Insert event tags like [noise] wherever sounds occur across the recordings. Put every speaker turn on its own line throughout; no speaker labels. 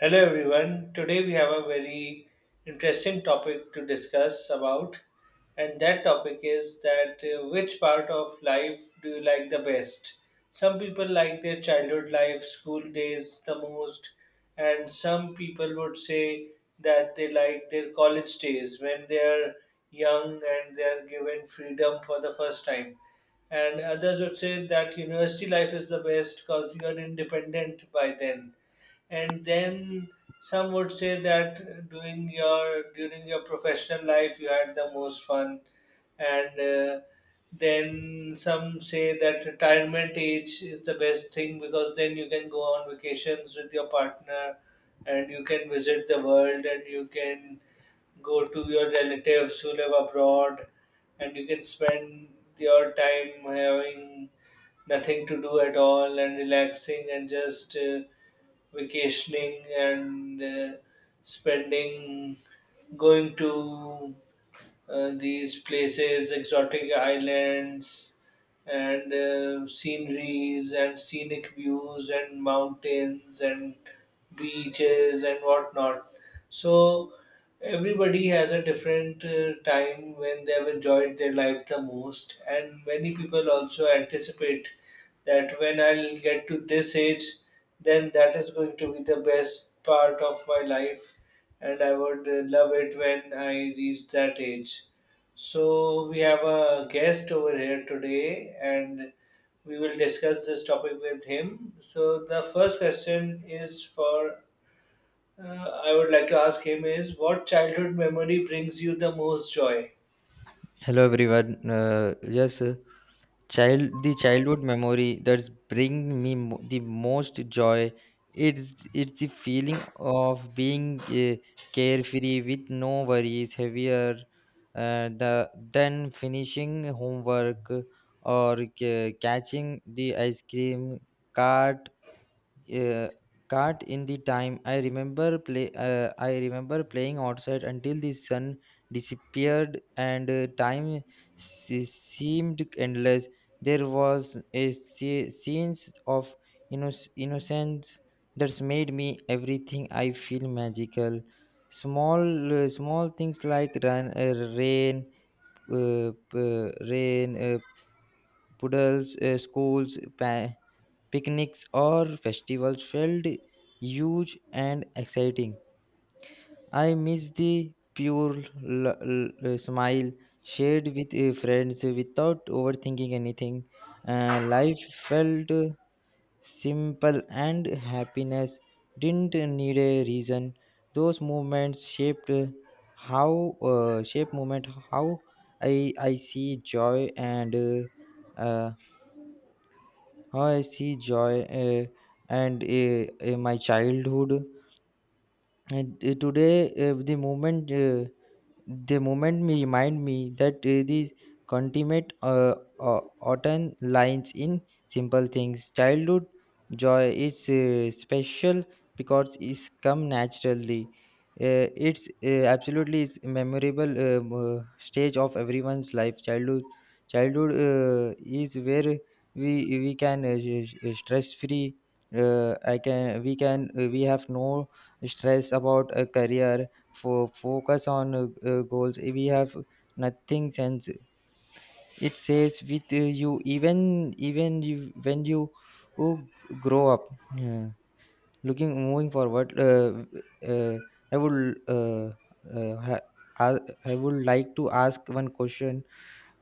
Hello everyone. Today we have a very interesting topic to discuss about, and that topic is that which part of life do you like the best? Some people like their childhood life, school days the most, and some people would say that they like their college days when they are young and they are given freedom for the first time, and others would say that university life is the best because you are independent by then. And then some would say that doing your during your professional life you had the most fun, and then some say that retirement age is the best thing because then you can go on vacations with your partner, and you can visit the world, and you can go to your relatives who live abroad, and you can spend your time having nothing to do at all and relaxing and just vacationing and spending going to these places, exotic islands, and sceneries, and scenic views, and mountains, and beaches, and whatnot. So, everybody has a different time when they have enjoyed their life the most, and many people also anticipate that when I'll get to this age, then that is going to be the best part of my life, and I would love it when I reach that age. So, we have a guest over here today, and we will discuss this topic with him. So, the first question is for uh, I would like to ask him is what childhood memory brings you the most joy?
Hello everyone. Yes, child the childhood memory that's bring me mo- the most joy. It's it's the feeling of being uh, carefree with no worries heavier the than finishing homework or catching the ice cream cart uh, cart in the time I remember playing outside until the sun disappeared, and time seemed endless. There was a sense of innocence that's made me everything I feel magical. small Small things like run, rain p- rain puddles, picnics or festivals felt huge and exciting. I miss the pure smile shared with friends without overthinking anything. Life felt simple and happiness didn't need a reason. Those moments shaped how shape moment how I see joy and how I see joy and my childhood. And today, the moment me remind me that the consummate autumn lines in simple things. Childhood joy is special because it's come naturally. It's absolutely is memorable stage of everyone's life. Childhood is where we can stress free. I can we have no stress about a career for focus on goals we have nothing sense it says with you even you, when you who grow up, yeah. Looking moving forward, uh, i would uh, uh, ha- I I would like to ask one question.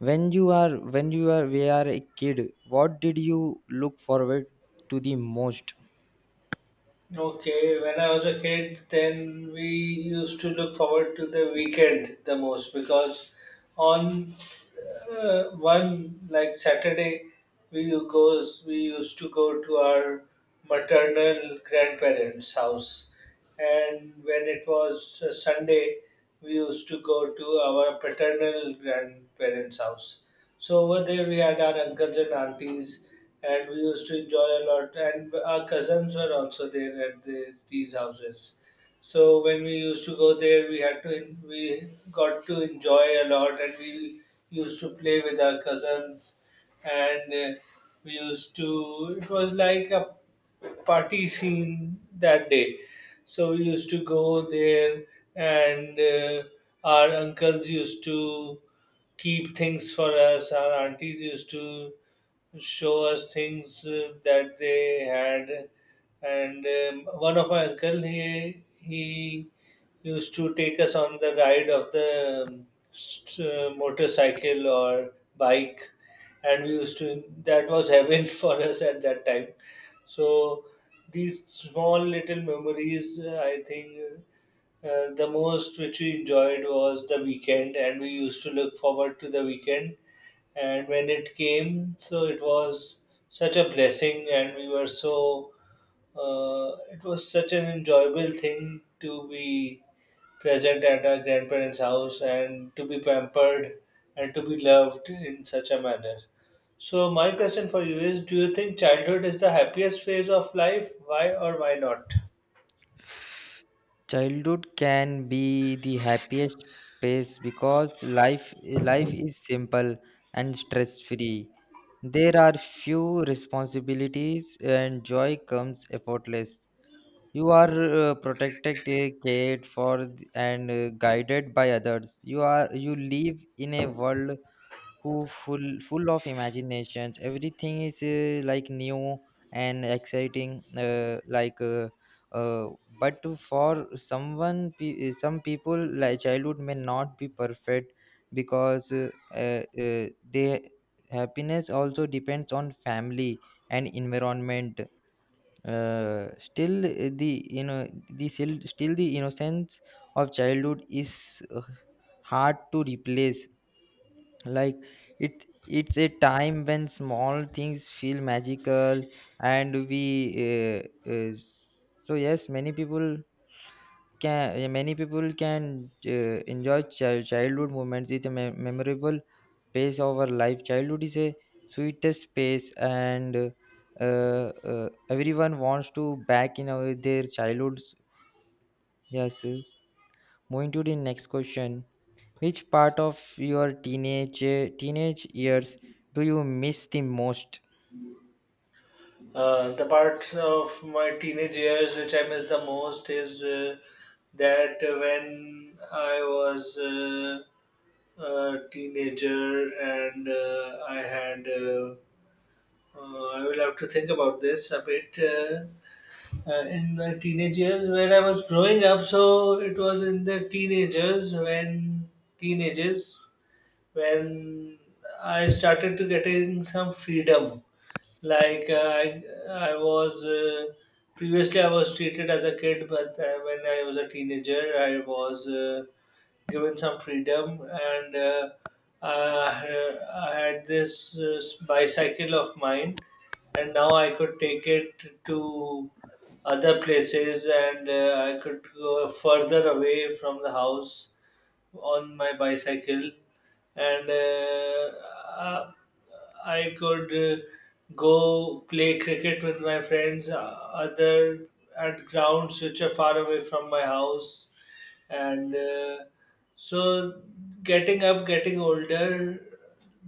When you are we are a kid, what did you look forward to the most?
Okay, when I was a kid, then we used to look forward to the weekend the most because on one like Saturday, we goes we used to go to our maternal grandparents' house, and when it was Sunday, we used to go to our paternal grandparents' house. So over there, we had our uncles and aunties, and we used to enjoy a lot. And our cousins were also there at these houses. So when we used to go there, we got to enjoy a lot, and we used to play with our cousins, and we used to. It was like a party scene that day, so we used to go there, and our uncles used to keep things for us. Our aunties used to show us things that they had, and one of our uncle he used to take us on the ride of the motorcycle or bike, and we used to that was heaven [laughs] for us at that time. So these small little memories, I think the most which we enjoyed was the weekend, and we used to look forward to the weekend. And when it came, so it was such a blessing, and we were so, it was such an enjoyable thing to be present at our grandparents' house and to be pampered and to be loved in such a manner. So, my question for you is, do you think childhood is the happiest phase of life? Why or why not?
Childhood can be the happiest phase because life life is simple and stress free. There are few responsibilities and joy comes effortless. You are protected, cared for, and guided by others. You live in a world who full of imaginations. Everything is like new and exciting, uh, but for some people, like, childhood may not be perfect because their happiness also depends on family and environment. Still, the you know the still, still the innocence of childhood is hard to replace, like it's a time when small things feel magical, and we uh, uh, so yes, many people can yeah, many people can enjoy childhood moments. With a memorable pace of our life, childhood is a sweetest space, and everyone wants to back in their childhoods. Yes, moving to the next question, which part of your teenage years do you miss the most?
The part of my teenage years which I miss the most is that when I was a teenager and I will have to think about this a bit. In the teenage years when I was growing up. So it was in the teenagers when I started to getting some freedom. Like, I was previously I was treated as a kid, but when I was a teenager, I was given some freedom, and I had this bicycle of mine, and now I could take it to other places, and I could go further away from the house on my bicycle, and uh, I could go play cricket with my friends other at grounds which are far away from my house, and so, getting up, getting older,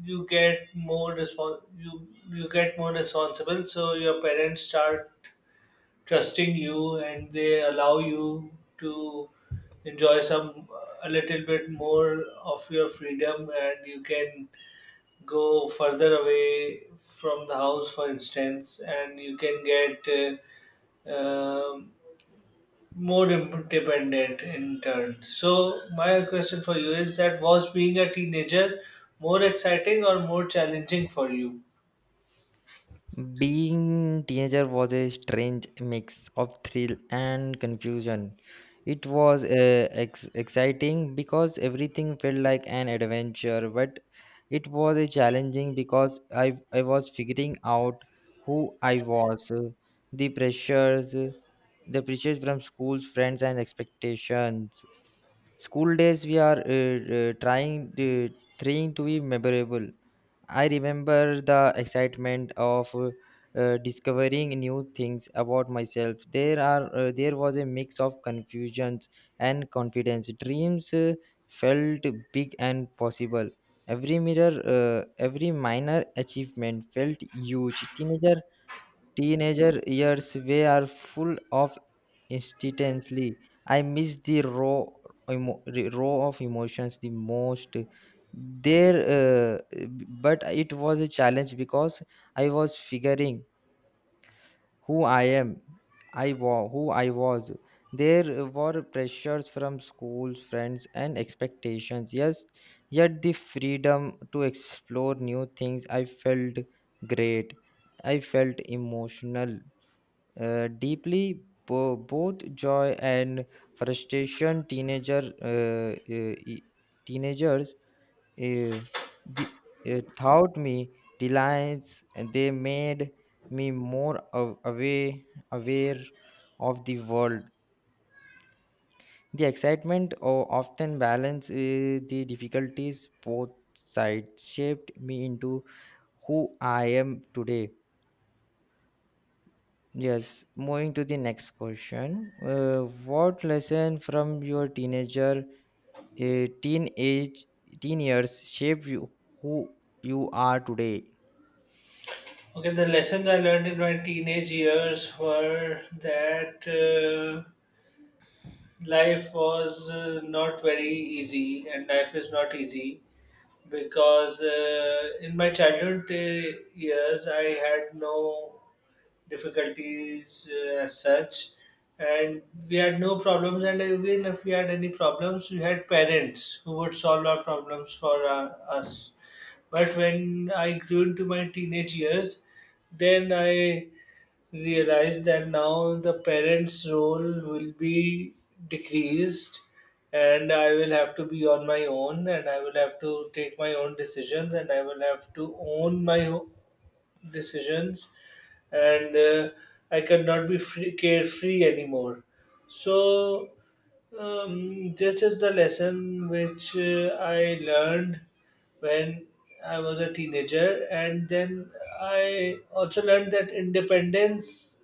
you get more you get more responsible. So your parents start trusting you, and they allow you to enjoy some a little bit more of your freedom, and you can go further away from the house, for instance, and you can get. um, more independent in turn. So my question for you is, that was being a teenager more exciting or more challenging for you?
Being teenager was a strange mix of thrill and confusion. It was exciting because everything felt like an adventure, but it was a challenging because I was figuring out who I was. The pressures the pressures from schools, friends, and expectations. School days we are trying to be memorable. I remember the excitement of discovering new things about myself. There are there was a mix of confusions and confidence. Dreams felt big and possible. Every every minor achievement felt huge. Teenager years were full of instantly. I miss the raw, the raw of emotions the most. There, uh, but it was a challenge because I was figuring who I am, I was who I was. There were pressures from schools, friends, and expectations. Yes, yet the freedom to explore new things. I felt great. I felt emotional, deeply both joy and frustration. Teenagers uh, the- taught me reliance, and they made me more aware aware of the world. The excitement often balance the difficulties. Both sides shaped me into who I am today. Yes, moving to the next question. What lesson from your uh, teenage, teen years shaped you, who you are today?
Okay, the lessons I learned in my teenage years were that life was not very easy, and life is not easy because in my childhood years I had no difficulties as such, and we had no problems. And even if we had any problems, we had parents who would solve our problems for us. But when I grew into my teenage years, then I realize that now the parents' role will be decreased, and I will have to be on my own, and I will have to take my own decisions, and I will have to own decisions, and I cannot be free, carefree anymore. So, this is the lesson which I learned when I was a teenager, and then I also learned that independence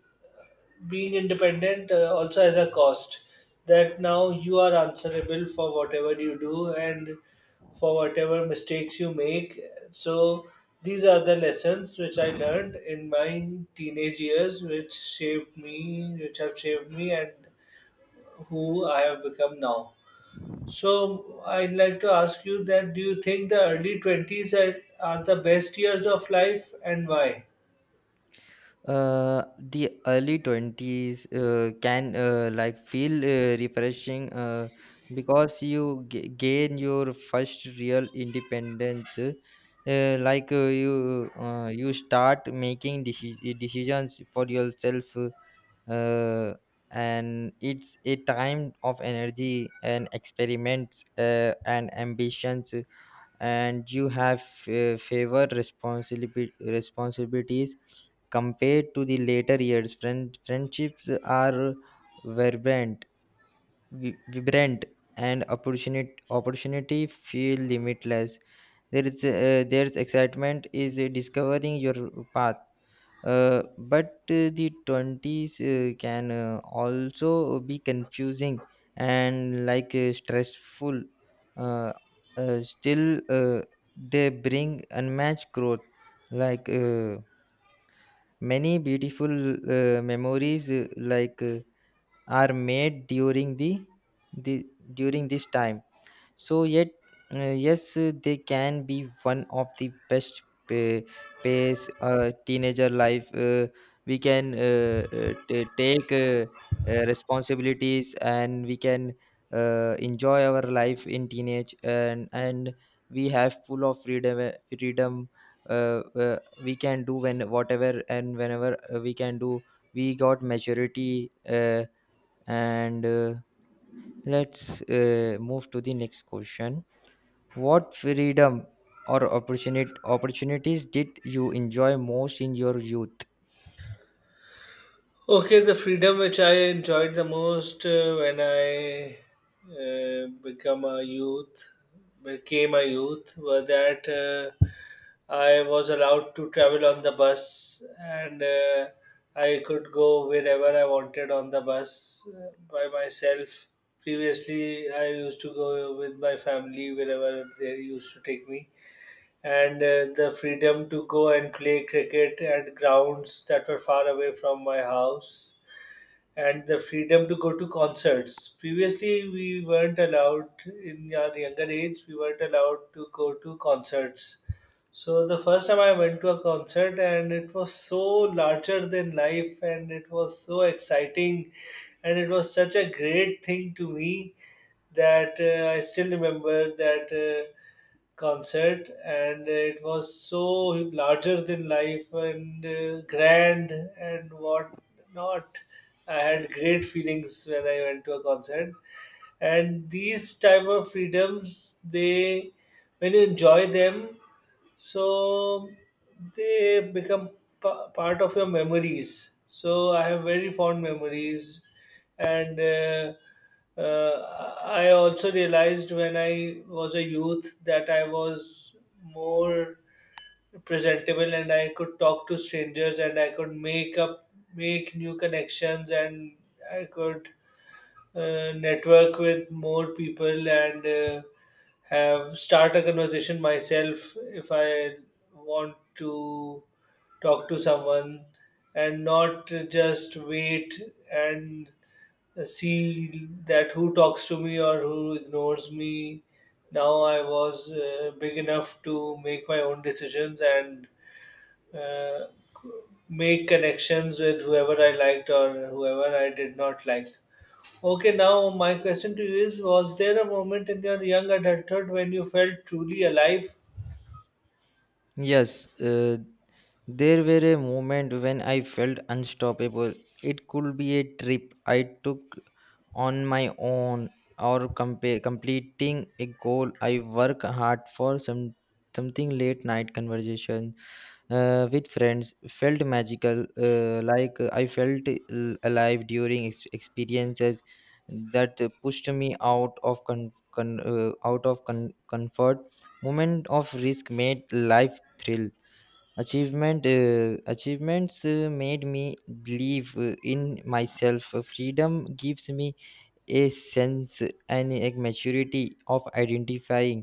being independent also has a cost, that now you are answerable for whatever you do and for whatever mistakes you make. So these are the lessons which I learned in my teenage years, which shaped me which have shaped me and who I have become now. So I'd like to ask you that, do you think the early 20s are the best years of life, and why?
The early 20s can like feel refreshing because you gain your first real independence. You start making decisions for yourself, uh, and it's a time of energy and experiments and ambitions, and you have favor responsibility responsibilities compared to the later years. Friendships are vibrant vibrant, and opportunity feel limitless. There's excitement is discovering your path. But The 20s can also be confusing and like stressful. Uh, still, they bring unmatched growth, like many beautiful memories, are made during the during this time. So yet, yes, they can be one of the best pa- pace teenager life. We can take responsibilities, and we can enjoy our life in teenage, and we have full of freedom. Freedom, we can do when whatever and whenever we can do. We got maturity, and let's move to the next question. What freedom or opportunity opportunities did you enjoy most in your youth?
Okay, the freedom which I enjoyed the most when I uh, become a youth, became a youth, were that I was allowed to travel on the bus, and I could go wherever I wanted on the bus by myself. Previously, I used to go with my family wherever they used to take me, and the freedom to go and play cricket at grounds that were far away from my house, and the freedom to go to concerts. Previously, we weren't allowed, in our younger age we weren't allowed to go to concerts. So the first time I went to a concert, and it was so larger than life, and it was so exciting, and it was such a great thing to me that I still remember that concert, and it was so larger than life, and grand and what not I had great feelings when I went to a concert, and these type of freedoms, they, when you enjoy them, so they become part of your memories. So I have very fond memories, and I also realized when I was a youth that I was more presentable, and I could talk to strangers, and I could make new connections, and I could network with more people, and have, start a conversation myself if I want to talk to someone, and not just wait and see that who talks to me or who ignores me. Now I was big enough to make my own decisions, and uh, make connections with whoever I liked or whoever I did not like. Okay, now my question to you is, was there a moment in your young adulthood when you felt truly alive?
Yes, there were a moment when I felt unstoppable. It could be a trip I took on my own or completing a goal I work hard for. Something late night conversation with friends felt magical, I felt alive during experiences that pushed me out of comfort. Moment of risk made life thrill. Achievements made me believe in myself. Freedom gives me a sense and a maturity of identifying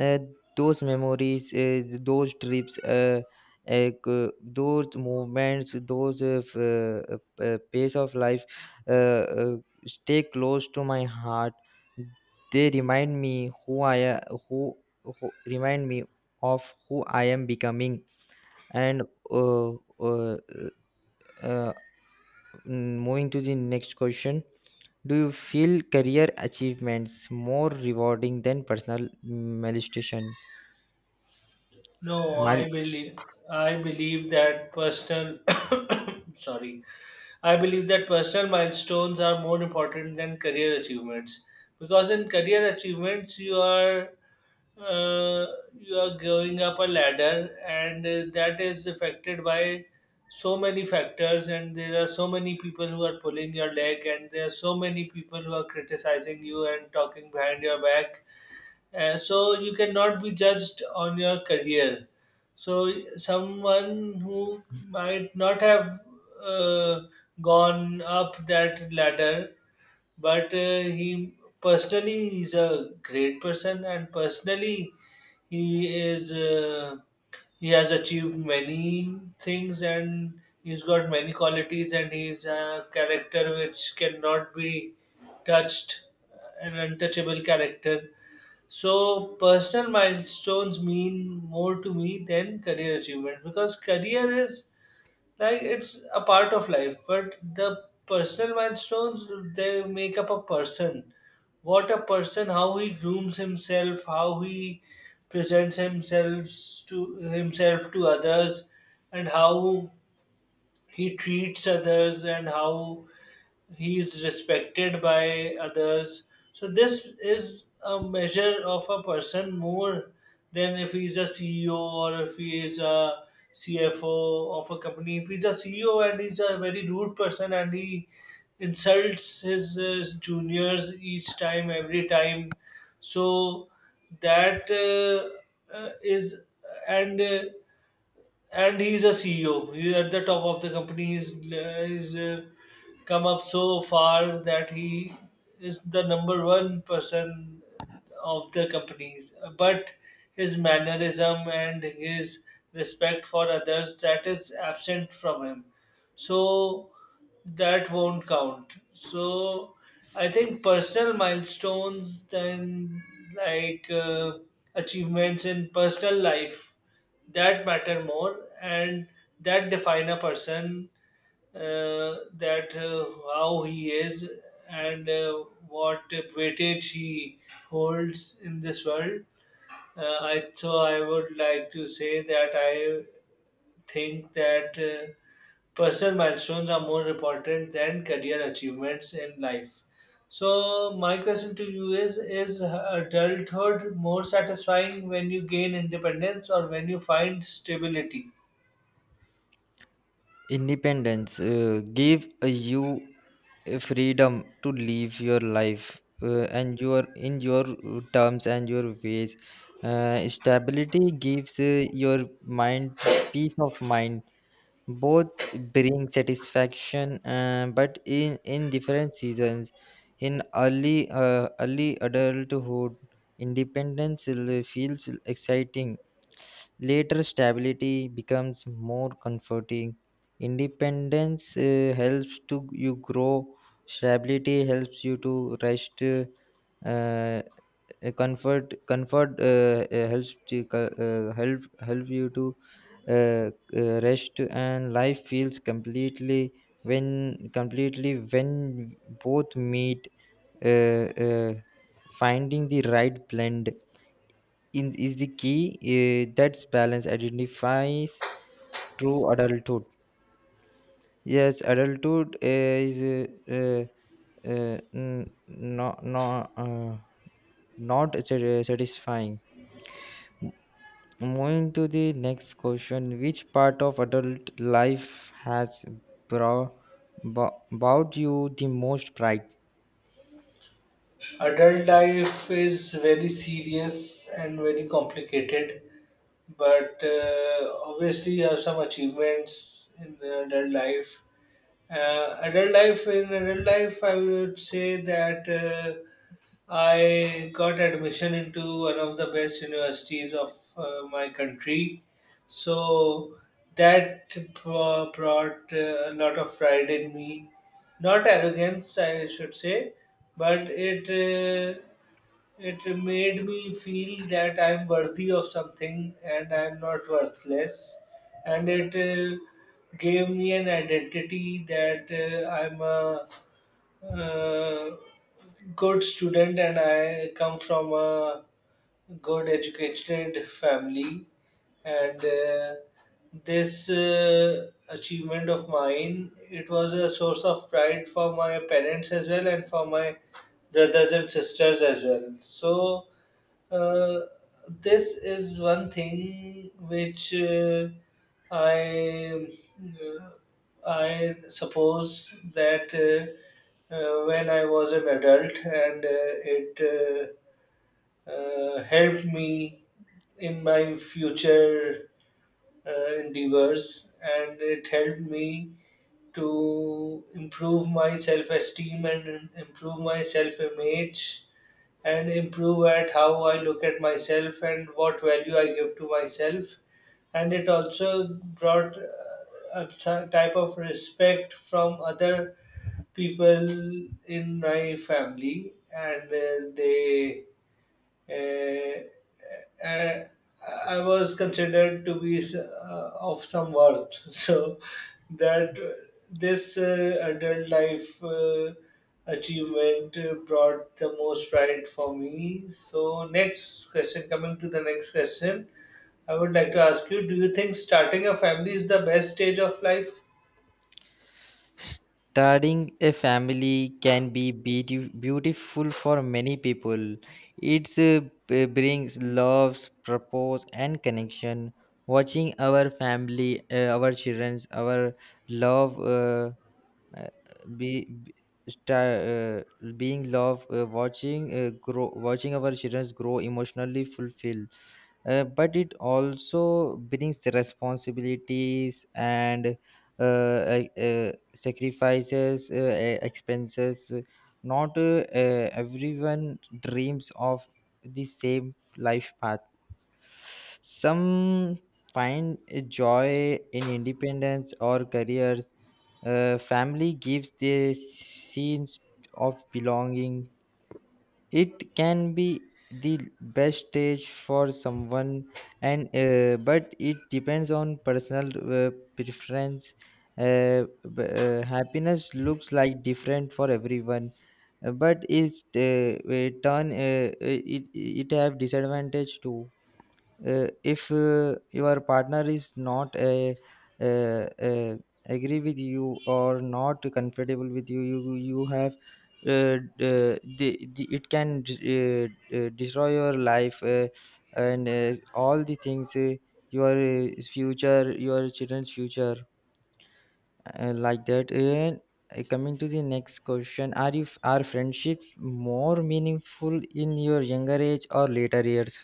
uh, those memories, those trips, uh, c- those movements, pace of life, uh, uh, stay close to my heart. They remind me who remind me of who I am becoming. and uh, uh, uh, Moving to the next question, do you feel career achievements more rewarding than personal molestation?
No,
Mal-
I believe, I believe that personal [coughs] sorry. I believe that personal milestones are more important than career achievements, because in career achievements uh, you are going up a ladder, and that is affected by so many factors, and there are so many people who are pulling your leg, and there are so many people who are criticizing you and talking behind your back. So you cannot be judged on your career. So someone who might not have uh, gone up that ladder, but he personally, he's a great person, and personally he is he has achieved many things, and he's got many qualities, and he's a character which cannot be touched, an untouchable character. So personal milestones mean more to me than career achievement, because career is like it's a part of life, but the personal milestones, they make up a person. What a person, how he grooms himself, how he presents himself to himself, to others, and how he treats others, and how he is respected by others. So this is a measure of a person more than if he's a CEO or if he is a CFO of a company. If he's a CEO and he's a very rude person, and he insults his juniors each time, every time, so that is and uh, and he's a CEO. He's at the top of the company. He's come up so far that he is the number one person of the companies. But his mannerism and his respect for others that is absent from him. So that won't count. So I think personal milestones, then like uh, achievements in personal life, that matter more and that define a person that how he is and what weightage he holds in this world. I so I would like to say that I think that personal milestones are more important than career achievements in life. So my question to you is adulthood more satisfying when you gain independence or when you find stability?
Independence give you a freedom to live your life and your in your terms and your ways. Stability gives your mind to peace of mind. Both bring satisfaction, but in different seasons. In early adulthood, independence feels exciting. Later stability becomes more comforting. Independence helps to you grow. Stability helps you to rest. Uh, a Comfort help you to uh, rest, and life feels completely when both meet. uh, uh, Finding the right blend in is the key. That's balance identifies true adulthood. Yes, adulthood is no, not satisfying. Moving to the next question, which part of adult life has brought, brought you the most pride?
Adult life is very serious and very complicated, but obviously you have some achievements in the adult life. In adult life, I would say that I got admission into one of the best universities of my country. So that brought a lot of pride in me. Not arrogance, I should say, but it made me feel that I'm worthy of something and I'm not worthless. And it gave me an identity that I'm a uh, good student and I come from a good educated family and this achievement of mine it was a source of pride for my parents as well and for my brothers and sisters as well so uh, this is one thing which I uh, I suppose that when I was an adult and it helped me in my future endeavors and it helped me to improve my self-esteem and improve my self-image and improve at how I look at myself and what value I give to myself. And it also brought a type of respect from other people in my family, and they uh, uh, I was considered to be of some worth. [laughs] So that this adult life achievement brought the most pride for me. So coming to the next question, I would like to ask you: Do you think starting a family is the best stage of life?
Starting a family can be beautiful for many people. It brings love, purpose, and connection. Watching our family, our children, our love. Uh, be sta- being love watching grow Watching our children grow emotionally fulfilled, but it also brings responsibilities and sacrifices, expenses. Not everyone dreams of the same life path. Some find a joy in independence or careers. Family gives the sense of belonging. It can be the best stage for someone, and but it depends on personal preference. Uh, Happiness looks like different for everyone, but is turn it have disadvantage too. If your partner is not a, uh uh agree with you or not comfortable with you, you have uh, the it can destroy your life, and all the things, your future, your children's future, like that. And Coming to the next question, are friendships more meaningful in your younger age or later years?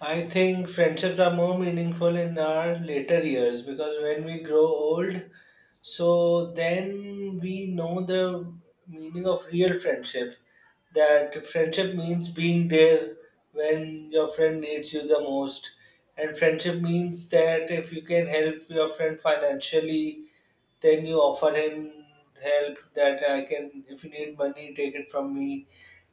I think friendships are more meaningful in our later years because when we grow old, so then we know the meaning of real friendship. That friendship means being there when your friend needs you the most, and friendship means that if you can help your friend financially, then you offer him help that I can, if you need money, take it from me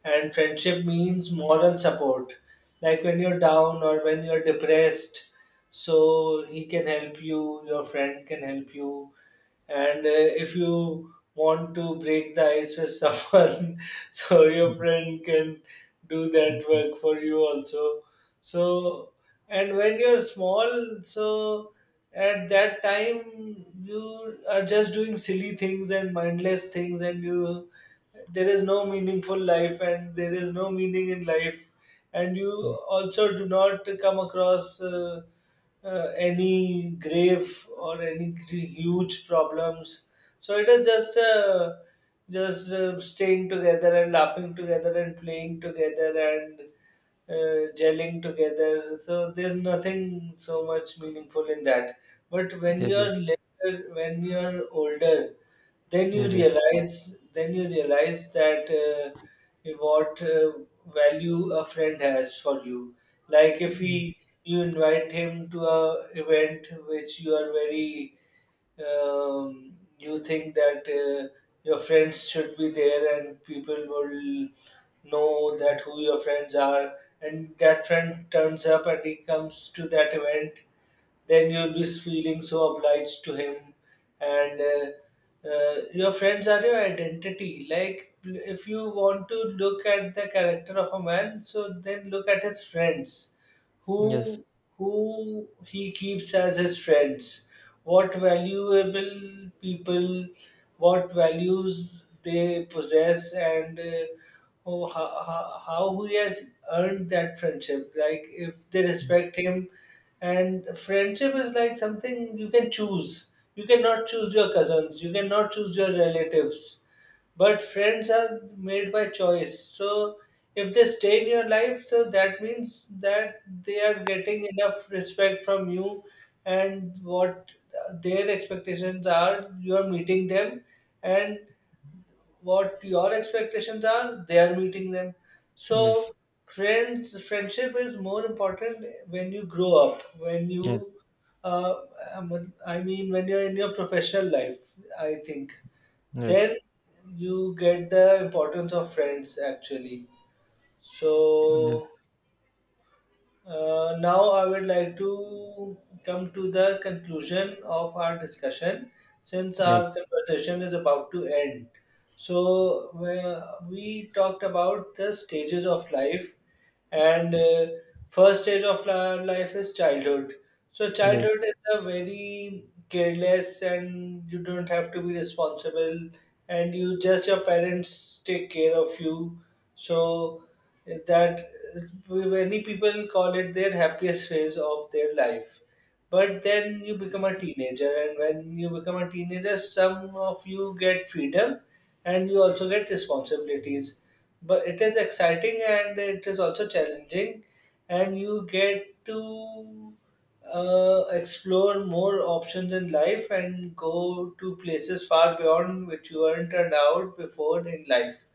and friendship means moral support like when you're down or when you're depressed so he can help you, your friend can help you, and if you want to break the ice with someone [laughs] so your
[laughs]
friend can do that
Mhm.
work for you also. So and when you're small, so at that time you are just doing silly things and mindless things and you, there is no meaningful life and there is no meaning in life and you
Okay.
also do not come across any grave or any huge problems so it is just just staying together and laughing together and playing together and gelling together. So there's nothing so much meaningful in that. But when
Yes. Yes.
you're later, when you're older,
Yes, yes.
then you realize that what value a friend has for you. Like if
Mm.
he, you invite him to a event which you are very you think that your friends should be there and people will know that who your friends are and that friend turns up and he comes to that event then you'll be feeling so obliged to him and your friends are your identity, like if you want to look at the character of a man so then look at his friends,
Yes.
who who he keeps as his friends, what valuable people, what values they possess, and how he has earned that friendship. Like if they
Mm.
respect him, and friendship is like something you can choose. You cannot choose your cousins. You cannot choose your relatives. But friends are made by choice. So if they stay in your life, so that means that they are getting enough respect from you and what their expectations are, you are meeting them, and what your expectations are, they are meeting them.
Yes,
So friendship is more important when you grow up, when
yes,
you uh, I mean when you're in your professional life, I think.
yes,
Then you get the importance of friends actually. So now I would like to come to the conclusion of our discussion since
yes,
our conversation is about to end. So where we talked about the stages of life, and first stage of life is childhood. So
yes, yes,
childhood is a very careless, and you don't have to be responsible, and you just your parents take care of you. So that many people call it their happiest phase of their life, but then you become a teenager, and when you become a teenager some of you get freedom and you also get responsibilities, but it is exciting and it is also challenging and you get to explore more options in life and go to places far beyond which you weren't turned out before in life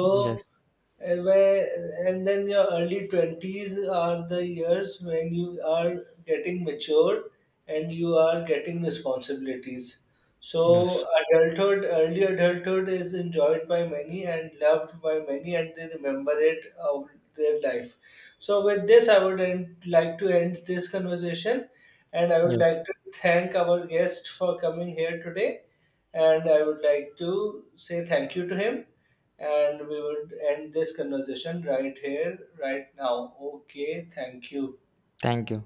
yes,
and where and then your early 20s are the years when you are getting mature and you are getting responsibilities.
yes,
So, adulthood, early adulthood is enjoyed by many and loved by many, and they remember it of their life. So, with this, I would end, like to end this conversation, and I would
yes.
like to thank our guest for coming here today, and I would like to say thank you to him. And we would end this conversation right here, right now. Okay, thank you.
Thank you.